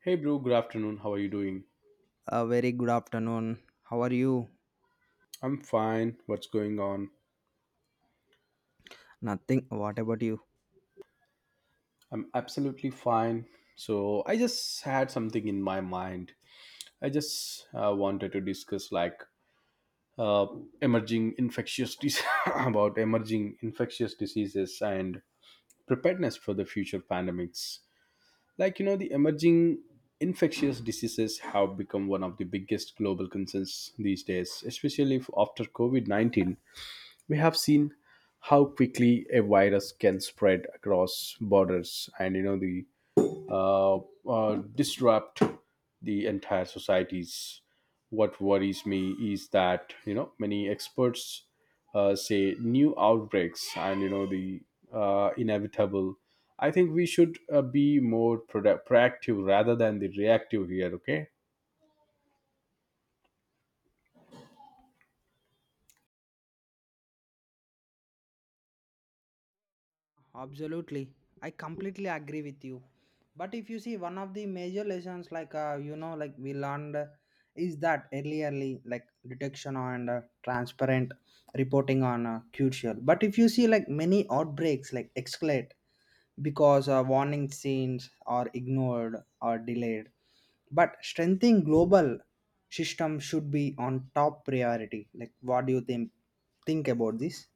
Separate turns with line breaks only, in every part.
Hey, bro, good afternoon. How are you doing?
A very good afternoon. How are you?
I'm fine. What's going on?
Nothing. What about you?
I'm absolutely fine. So, I just had something in my mind. I just wanted to discuss uh, about emerging infectious diseases and preparedness for the future pandemics. Like, you know, the emerging infectious diseases have become one of the biggest global concerns these days, especially after COVID 19, we have seen how quickly a virus can spread across borders, and you know, the uh, disrupt the entire societies. What worries me is that you know, many experts say new outbreaks and you know, the inevitable. I think we should be more proactive rather than the reactive here. Okay,
Absolutely. I completely agree with you. But if you see one of the major lessons we learned is that earlierly like detection and transparent reporting on crucial. But if you see like many outbreaks like escalate because warning signs are ignored or delayed. But strengthening global system should be on top priority. Like what do you think about this?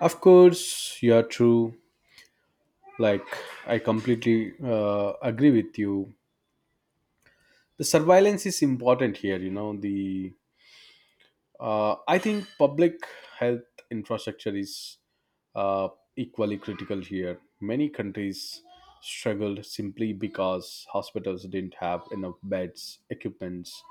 of course, you're true. Like, I completely agree with you. The surveillance is important here. You know, the I think public health infrastructure is uh, equally critical here. Many countries struggled simply because hospitals didn't have enough beds, equipments,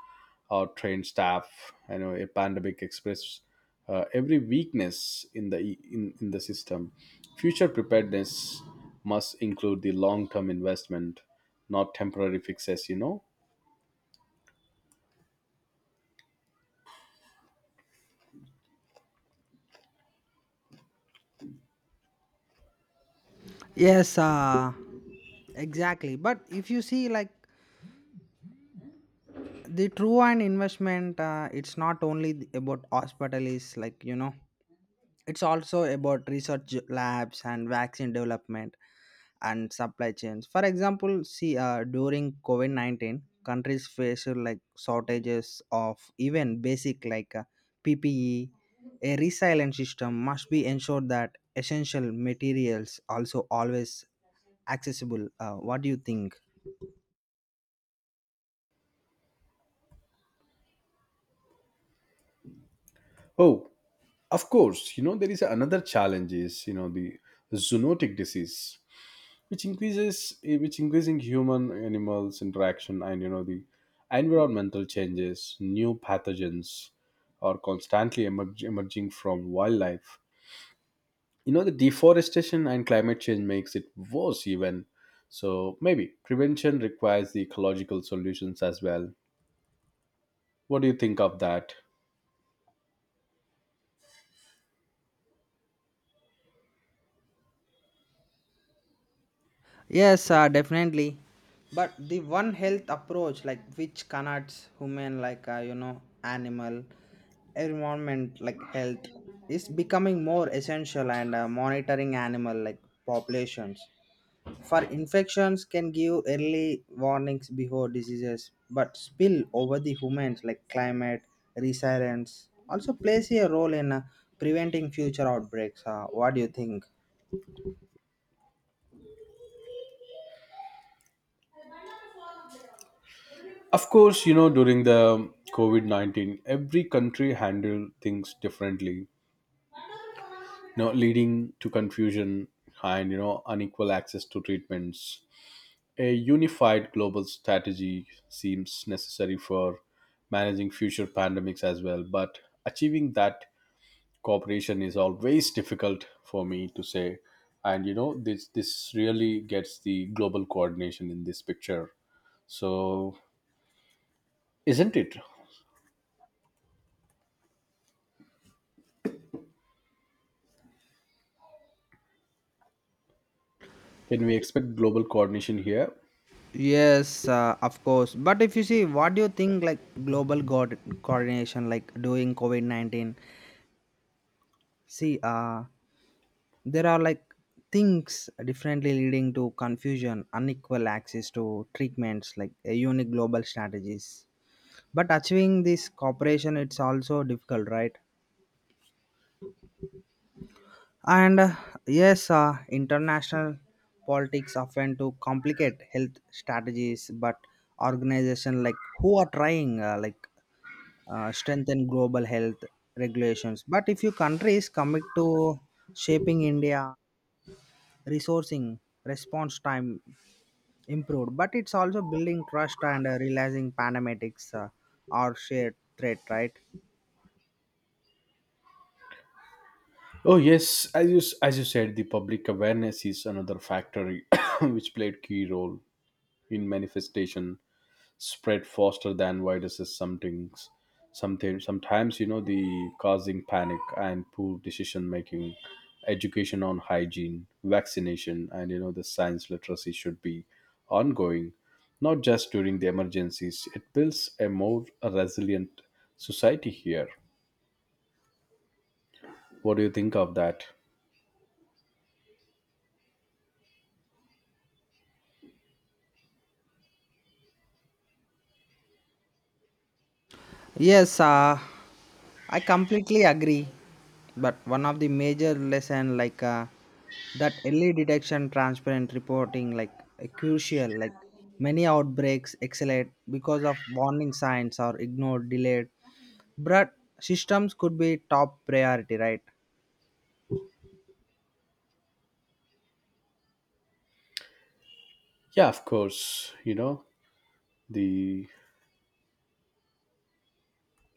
or trained staff. You know, a pandemic expressed every weakness in the system. Future preparedness must include the long term investment, not temporary fixes, you know.
Yes, uh, Exactly. But if you see, like, the true and investment, it's not only about hospital is like, you know, it's also about research labs and vaccine development and supply chains. For example, see, during COVID 19, countries faced like shortages of even basic PPE. A resilient system must be ensured that essential materials also always accessible. What do you think?
Oh, of course, you know, there is another challenge is, you know, the zoonotic disease, which increasing human animals interaction, and you know, the environmental changes, new pathogens are constantly emerging from wildlife. You know, the deforestation and climate change makes it worse even. So maybe prevention requires the ecological solutions as well. What do you think of that?
Yes, definitely. But the one health approach, like which connects human, animal, environment, like health, is becoming more essential. And monitoring animal like populations for infections can give early warnings before diseases, but spill over the humans, like climate resilience, also plays a role in preventing future outbreaks. What do you think?
Of course, you know, during the COVID 19, every country handled things differently, you know, leading to confusion and, you know, unequal access to treatments. A unified global strategy seems necessary for managing future pandemics as well, but achieving that cooperation is always difficult for me to say. And, you know, this really gets the global coordination in this picture. So, isn't it? Can we expect global coordination here?
Yes, of course. But if you see, what do you think like global coordination, like during COVID 19? See, there are like things differently leading to confusion, unequal access to treatments, like a unique global strategies. But achieving this cooperation, it's also difficult, right? And yes, international politics often to complicate health strategies, but organizations like who are trying strengthen global health regulations. But if you countries commit to shaping India, resourcing, response time improved, but it's also building trust and realizing pandemics are shared threat, right?
Oh yes, as you said, the public awareness is another factor which played key role in manifestation spread faster than viruses. Sometimes, something sometimes you know, the causing panic and poor decision making, education on hygiene, vaccination, and you know, the science literacy should be ongoing, not just during the emergencies. It builds a more resilient society here. What do you think of that?
Yes, I completely agree, but one of the major lesson that early detection, transparent reporting, crucial. Like many outbreaks accelerate because of warning signs are ignored, delayed. But systems could be top priority, right?
Yeah, of course. You know, the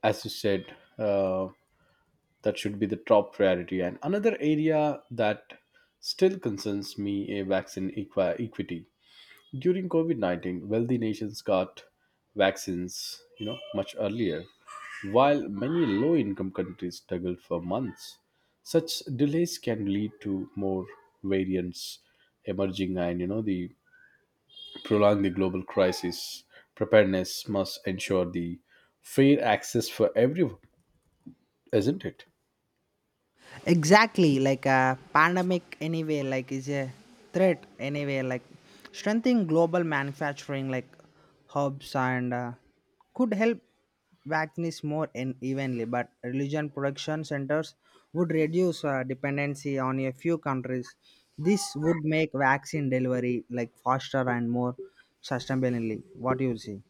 as you said, that should be the top priority. And another area that still concerns me a vaccine equity. During COVID 19, wealthy nations got vaccines, you know, much earlier, while many low income countries struggled for months. Such delays can lead to more variants emerging and, you know, the prolong the global crisis, preparedness must ensure the fair access for everyone, isn't it?
Exactly, like a pandemic anyway, like is a threat anyway, like strengthening global manufacturing like hubs and could help vaccines more in evenly, but religion production centers would reduce dependency on a few countries. This would make vaccine delivery like faster and more sustainably. What do you see?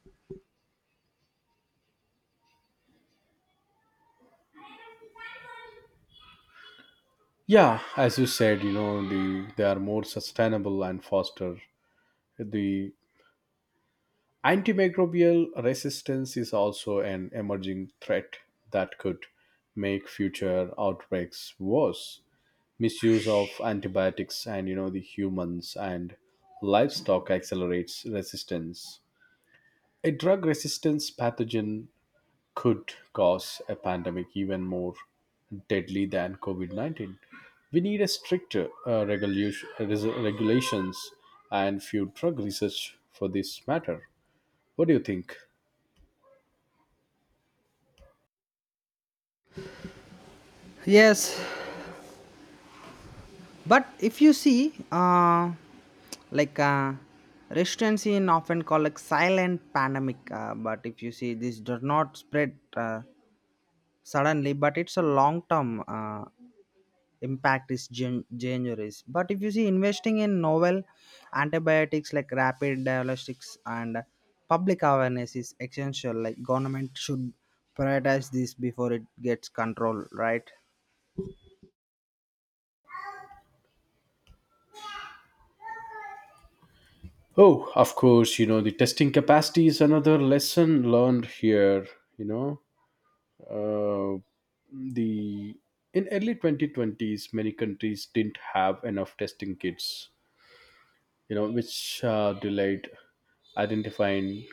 Yeah, as you said, you know, the they are more sustainable and faster. The antimicrobial resistance is also an emerging threat that could make future outbreaks worse. Misuse of antibiotics and you know, the humans and livestock accelerates resistance. A drug resistance pathogen could cause a pandemic even more deadly than COVID 19. We need a stricter regulations and few drug research for this matter. What do you think?
Yes, but if you see, like uh, restaurants in often call like silent pandemic. But if you see, this does not spread suddenly, but it's a long term impact is dangerous. But if you see, investing in novel antibiotics like rapid diagnostics and public awareness is essential. Like government should prioritize this before it gets control, right?
Oh, of course, you know, the testing capacity is another lesson learned here. You know, uh, the in early 2020s, many countries didn't have enough testing kits, you know, which delayed identifying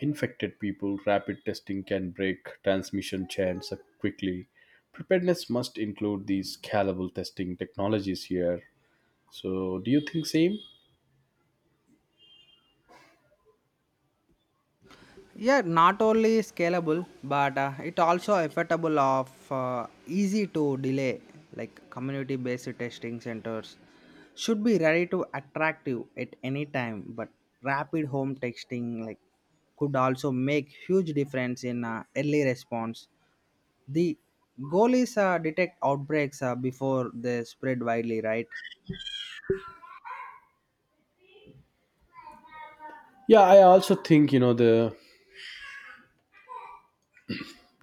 infected people. Rapid testing can break transmission chains quickly. Preparedness must include these scalable testing technologies here. So, do you think same?
Yeah, not only scalable, but it also affordable of easy to delay. Like community-based testing centers should be ready to attract you at any time. But rapid home testing like could also make huge difference in early response. The goal is detect outbreaks before they spread widely, right?
Yeah, I also think you know the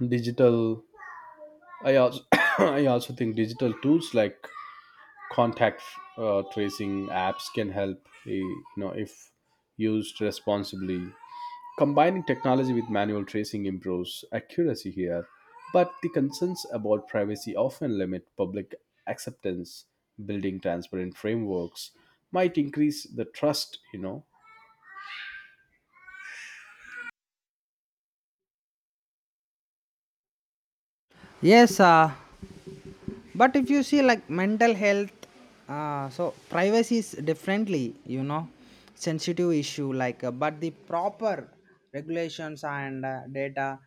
digital. I also I also think digital tools like contact tracing apps can help. You know, if used responsibly, combining technology with manual tracing improves accuracy here, but the concerns about privacy often limit public acceptance. Building transparent frameworks might increase the trust, you know.
Yes, but if you see like mental health so privacy is differently you know sensitive issue but the proper regulations and data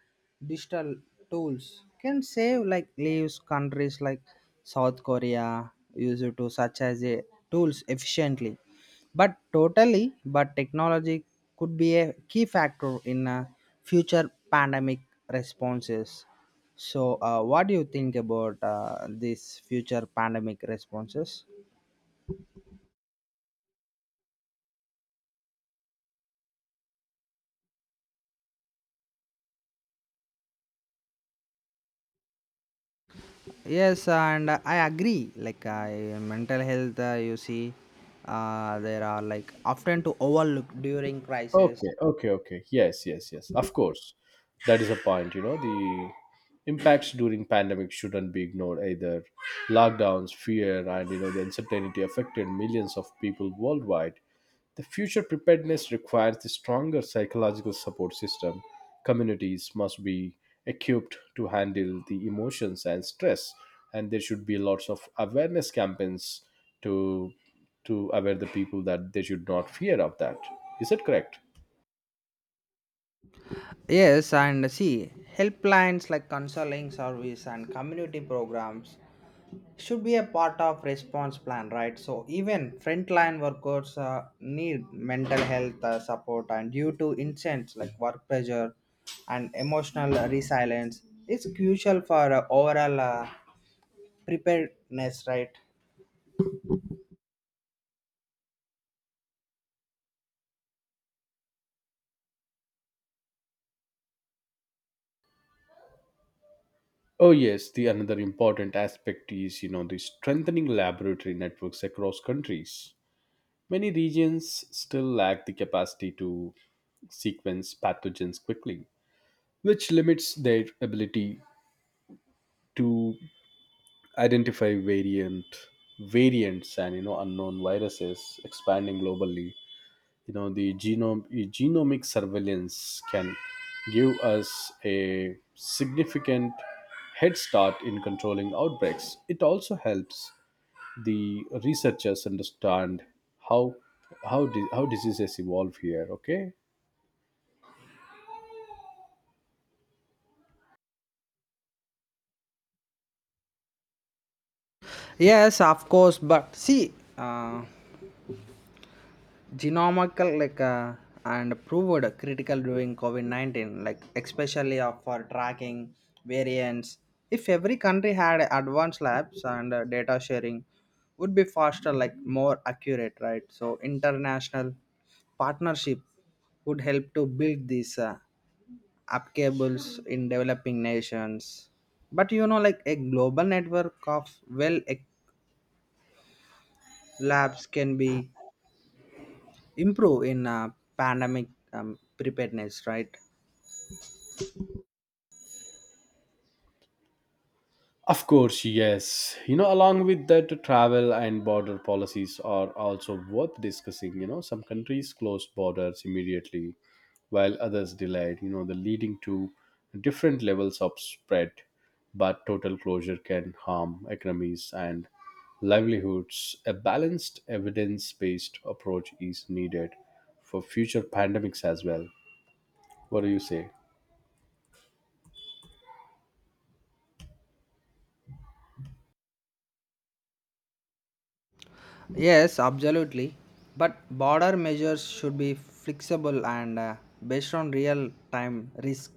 digital tools can save like leaves countries like South Korea use it to such as a tools efficiently but totally, but technology could be a key factor in future pandemic responses. So, what do you think about these future pandemic responses? Yes, and I agree. Mental health, you see, there are like often to overlook during crisis.
Okay, okay, okay. Yes, yes, yes. Of course. That is a point, you know. The impacts during pandemic shouldn't be ignored either. Lockdowns, fear, and you know, the uncertainty affected millions of people worldwide. The future preparedness requires a stronger psychological support system. Communities must be equipped to handle the emotions and stress, and there should be lots of awareness campaigns to aware the people that they should not fear of that. Is it correct?
Yes, and see helplines like counseling service and community programs should be a part of response plan, right? So even frontline workers need mental health support and due to incidents like work pressure and emotional resilience it's crucial for overall preparedness, right?
Oh yes, the another important aspect is you know, the strengthening laboratory networks across countries. Many regions still lack the capacity to sequence pathogens quickly, which limits their ability to identify variants, and you know, unknown viruses expanding globally. You know, the genome genomic surveillance can give us a significant head start in controlling outbreaks. It also helps the researchers understand how how diseases evolve here. Okay,
Yes, of course, but see, uh, genomical and proved critical during COVID-19 like especially for tracking variants if every country had advanced labs and data sharing would be faster like more accurate, right? So international partnership would help to build these applicables in developing nations but you know like a global network of labs can be improve in pandemic preparedness, right?
of course, yes. You know, along with that, travel and border policies are also worth discussing. You know, some countries closed borders immediately while others delayed, you know, the leading to different levels of spread. But total closure can harm economies and livelihoods. A balanced, evidence based approach is needed for future pandemics as well. What do you say?
Yes, absolutely. But border measures should be flexible and based on real time risk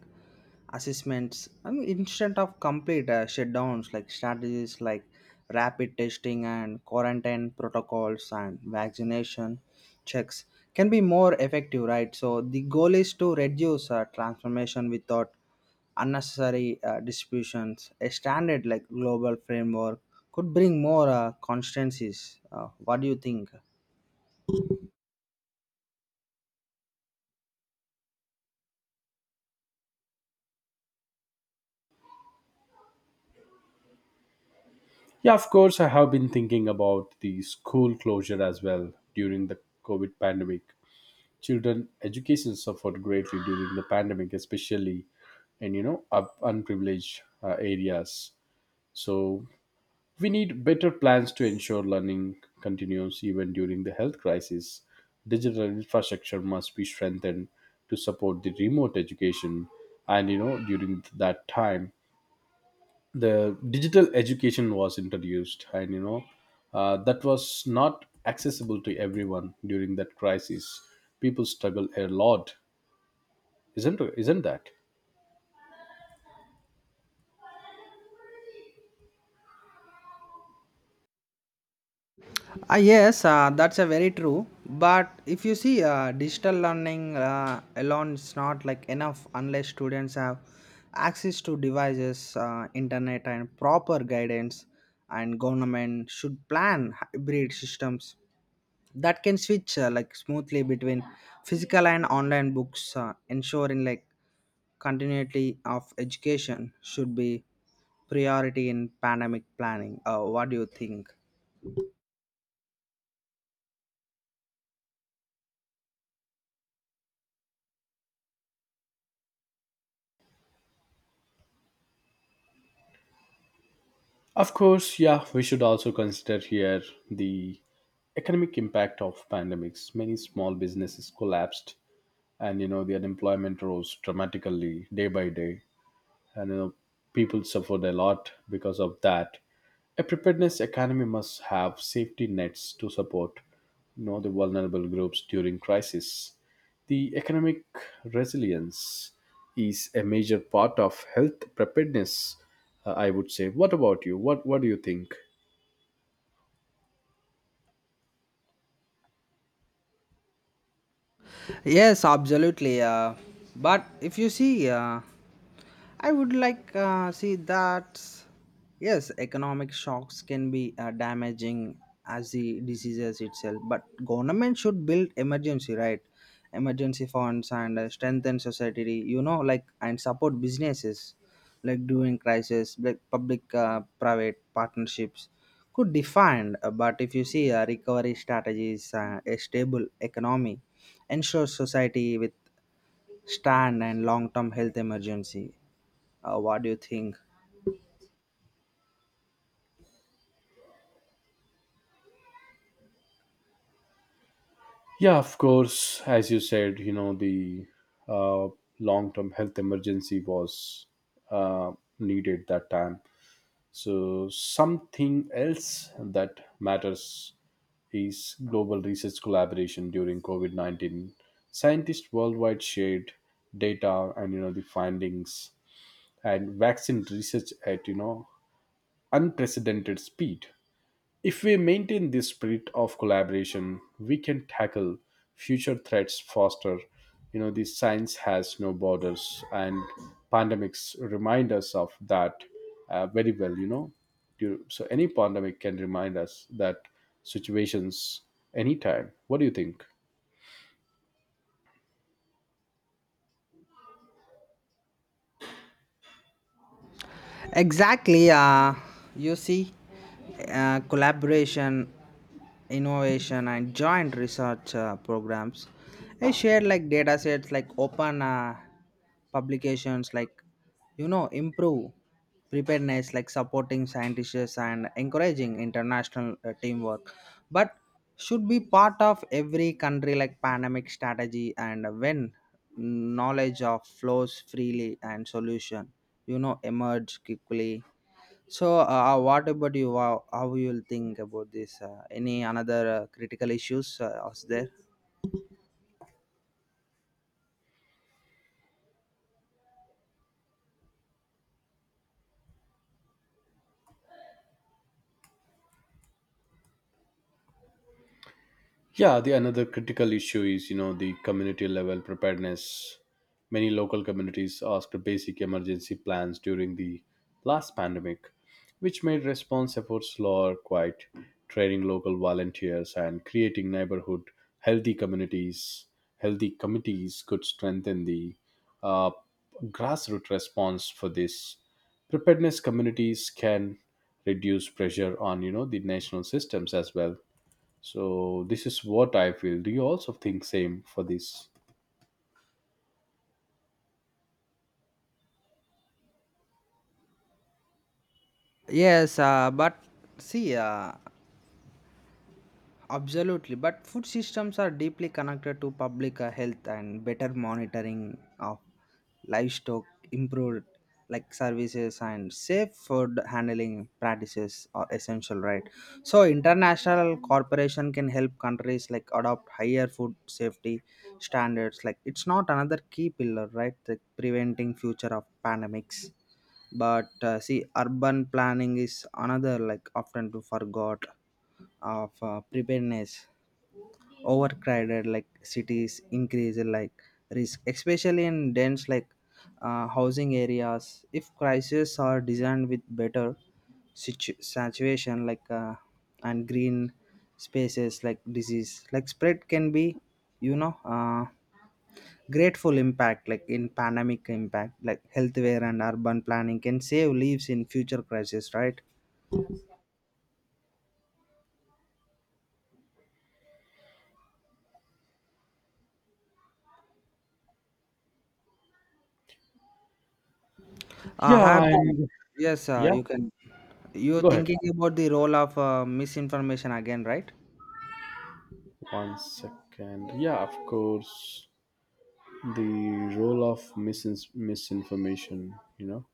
assessments, I mean, instead of complete shutdowns like strategies like rapid testing and quarantine protocols and vaccination checks can be more effective, right? So the goal is to reduce transformation without unnecessary distributions. A standard like global framework could bring more constancies. What do you think?
Yeah, of course, I have been thinking about the school closure as well during the COVID pandemic. Children education suffered greatly during the pandemic, especially in you know up unprivileged areas. So we need better plans to ensure learning continues even during the health crisis. Digital infrastructure must be strengthened to support the remote education, and you know, during that time the digital education was introduced, and you know, that was not accessible to everyone during that crisis. People struggle a lot, isn't that?
Ah yes, that's a very true. But if you see, digital learning alone is not like enough unless students have access to devices, internet, and proper guidance. And government should plan hybrid systems that can switch like smoothly between physical and online books ensuring like continuity of education should be priority in pandemic planning. What do you think?
Of course, yeah, we should also consider here the economic impact of pandemics. Many small businesses collapsed, and you know, the unemployment rose dramatically day by day, and you know, people suffered a lot because of that. A preparedness economy must have safety nets to support, you know, the vulnerable groups during crisis. The economic resilience is a major part of health preparedness, I would say. What about you? What do you think?
Yes, absolutely. But if you see, I would like see that yes, economic shocks can be damaging as the diseases itself. But government should build emergency, right, emergency funds and strengthen society. You know, like and support businesses like during crisis, like public private partnerships could define. But if you see recovery strategies, a stable economy ensure society with stand and long term health emergency. What do you think?
Yeah, of course. As you said, you know, the uh, long term health emergency was uh, needed that time. So, something else that matters is global research collaboration during COVID 19. Scientists worldwide shared data, and you know, the findings and vaccine research at you know, unprecedented speed. If we maintain this spirit of collaboration, we can tackle future threats faster. You know, the science has no borders, and pandemics remind us of that very well. You know, so any pandemic can remind us that situations anytime. What do you think?
Exactly. You see, collaboration, innovation, and joint research programs. I share like data sets, like open publications, like you know, improve preparedness, like supporting scientists and encouraging international teamwork. But should be part of every country like pandemic strategy and when knowledge of flows freely and solution you know emerge quickly. So what about you? How you'll think about this, any another critical issues is there?
Yeah, the another critical issue is you know, the community level preparedness. Many local communities asked basic emergency plans during the last pandemic, which made response efforts slower, quite training local volunteers and creating neighborhood healthy communities. Healthy committees could strengthen the uh, grassroots response for this. Preparedness communities can reduce pressure on you know, the national systems as well, so this is what I feel. Do you also think same for this?
Yes, but see, absolutely, but food systems are deeply connected to public health and better monitoring of livestock, improved like services and safe food handling practices are essential, right? So international corporation can help countries like adopt higher food safety standards. Like it's not another key pillar, right? Like preventing future of pandemics. But see, urban planning is another like often to forgot of preparedness overcrowded like cities increase like risk especially in dense housing areas if crises are designed with better saturation and green spaces like disease like spread can be you know grateful impact like in pandemic impact like healthcare and urban planning can save lives in future crisis, right? Have
Yeah,
you?
and
Yeah. Yes,
yeah,
you can. You're
go ahead.
thinking about the role of misinformation again, right?
1 second. Yeah, of course. The role of misinformation, you know?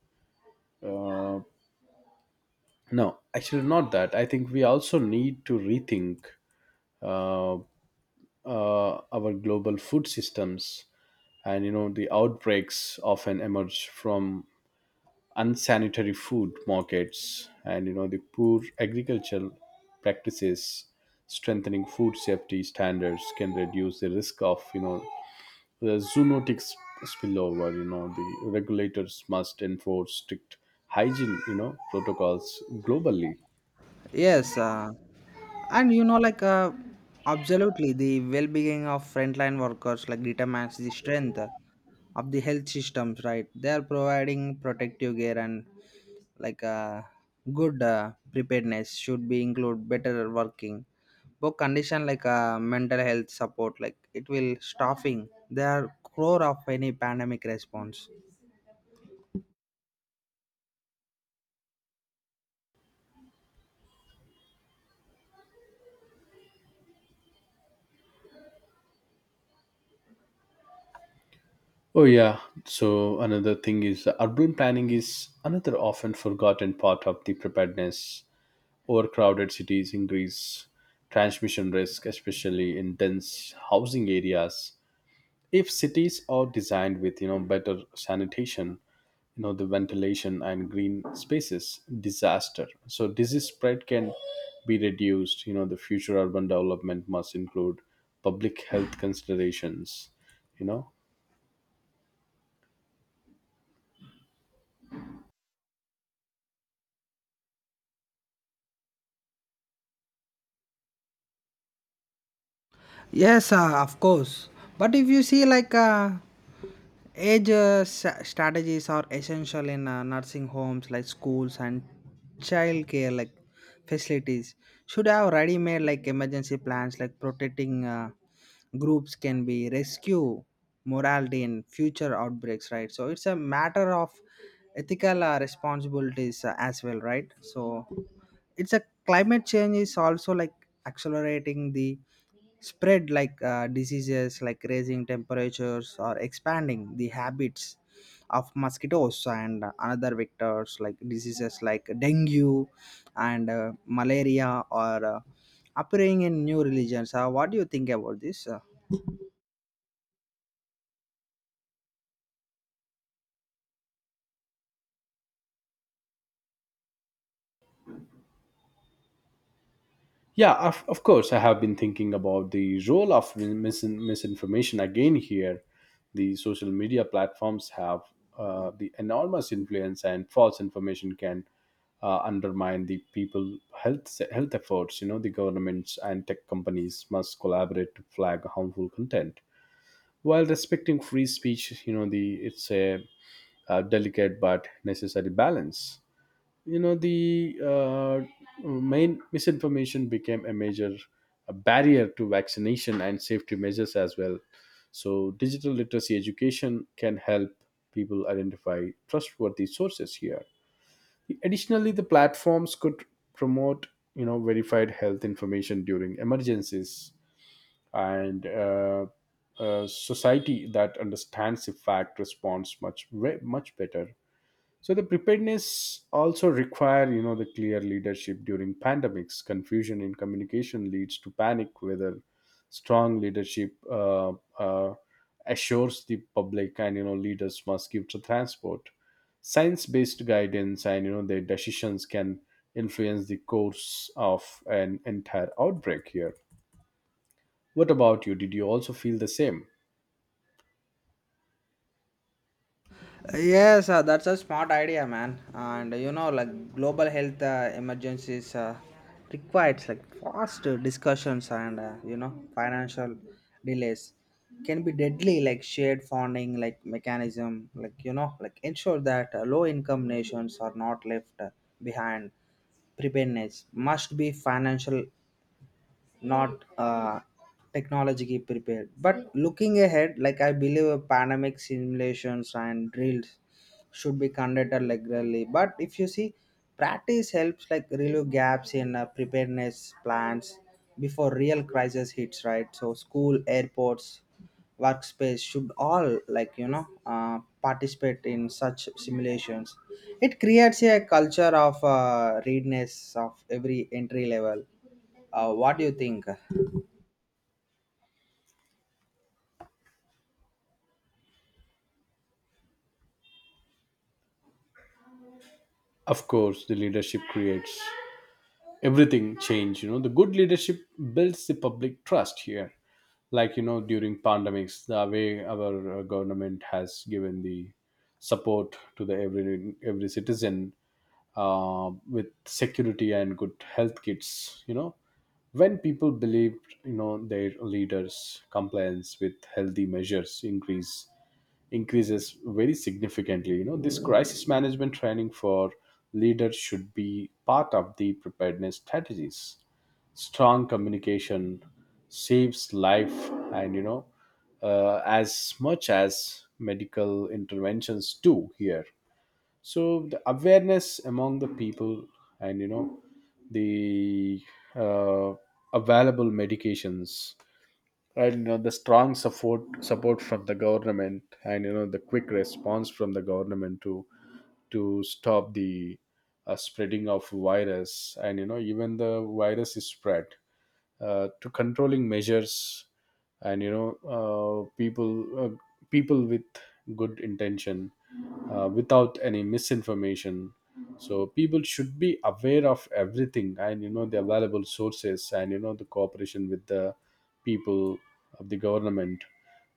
No, actually, not that. I think we also need to rethink uh, our global food systems. And, you know, the outbreaks often emerge from unsanitary food markets, and you know, the poor agricultural practices strengthening food safety standards can reduce the risk of you know, the zoonotic spillover. You know, the regulators must enforce strict hygiene, you know, protocols globally.
Yes, and you know, like, absolutely, the well being of frontline workers like determines the strength of the health systems, right? They are providing protective gear and like uh, good preparedness should be include better working. But condition mental health support, like it will staffing, they are core of any pandemic response.
Oh yeah, so another thing is the urban planning is another often forgotten part of the preparedness. Overcrowded cities increase transmission risk, especially in dense housing areas. If cities are designed with you know, better sanitation, you know, the ventilation and green spaces, disaster. So disease spread can be reduced. You know, the future urban development must include public health considerations. You know,
Yes, of course. But if you see age strategies are essential in nursing homes like schools and childcare like facilities. Should have ready made like emergency plans like protecting groups can be rescue morality in future outbreaks, right? So it's a matter of ethical responsibilities as well, right? So it's a climate change is also like accelerating the spread diseases like raising temperatures or expanding the habits of mosquitoes and another vectors like diseases like dengue and malaria or appearing in new religions. What do you think about this?
yeah, of course, I have been thinking about the role of misinformation again here. The social media platforms have the enormous influence, and false information can undermine the people health efforts. You know, the governments and tech companies must collaborate to flag harmful content while respecting free speech. You know, the it's a, delicate but necessary balance, you know, the main misinformation became a major a barrier to vaccination and safety measures as well, so digital literacy education can help people identify trustworthy sources here. Additionally, the platforms could promote, you know, verified health information during emergencies, and a society that understands the fact responds much better. So the preparedness also require, you know, the clear leadership during pandemics. Confusion in communication leads to panic. Whether strong leadership uh, assures the public, and you know, leaders must give to transport science-based guidance, and you know, their decisions can influence the course of an entire outbreak. Here, what about you? Did you also feel the same?
Yes, that's a smart idea, man. And you know, like global health emergencies requires like fast discussions and you know financial delays can be deadly. Like shared funding, like mechanism, like you know, like ensure that low-income nations are not left behind. Preparedness must be financial, not technologically prepared. But looking ahead, like I believe, pandemic simulations and drills should be conducted like regularly, but if you see practice helps like relieve gaps in preparedness plans before real crisis hits, right? So school airports workspace should all like you know participate in such simulations. It creates a culture of readiness of every entry level. What do you think?
Of course, the leadership creates everything changed. You know, the good leadership builds the public trust here, like you know, during pandemics the way our government has given the support to the every citizen with security and good health kits, you know, when people believe, you know, their leaders compliance with healthy measures increases very significantly. You know, this crisis management training for leaders should be part of the preparedness strategies. Strong communication saves life, and you know, as much as medical interventions do here. So the awareness among the people, and you know, the uh, available medications, and you know, the strong support from the government, and you know, the quick response from the government to stop the spreading of virus, and you know, even the virus is spread to controlling measures, and you know, uh, people uh, people with good intention without any misinformation. So people should be aware of everything, and you know, the available sources, and you know, the cooperation with the people of the government,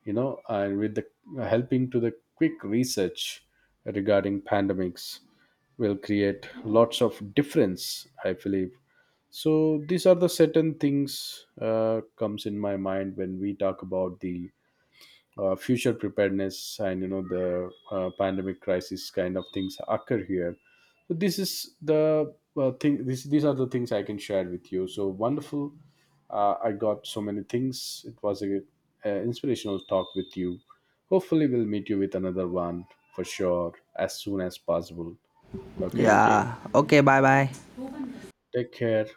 you know, and with the helping to the quick research regarding pandemics will create lots of difference, I believe. So these are the certain things comes in my mind when we talk about the future preparedness, and you know, the pandemic crisis kind of things occur here. So this is the these are the things I can share with you. So wonderful, I got so many things. It was a inspirational talk with you. Hopefully we'll meet you with another one for sure as soon as possible. Okay,
Yeah. Okay. Bye. Bye.
take care.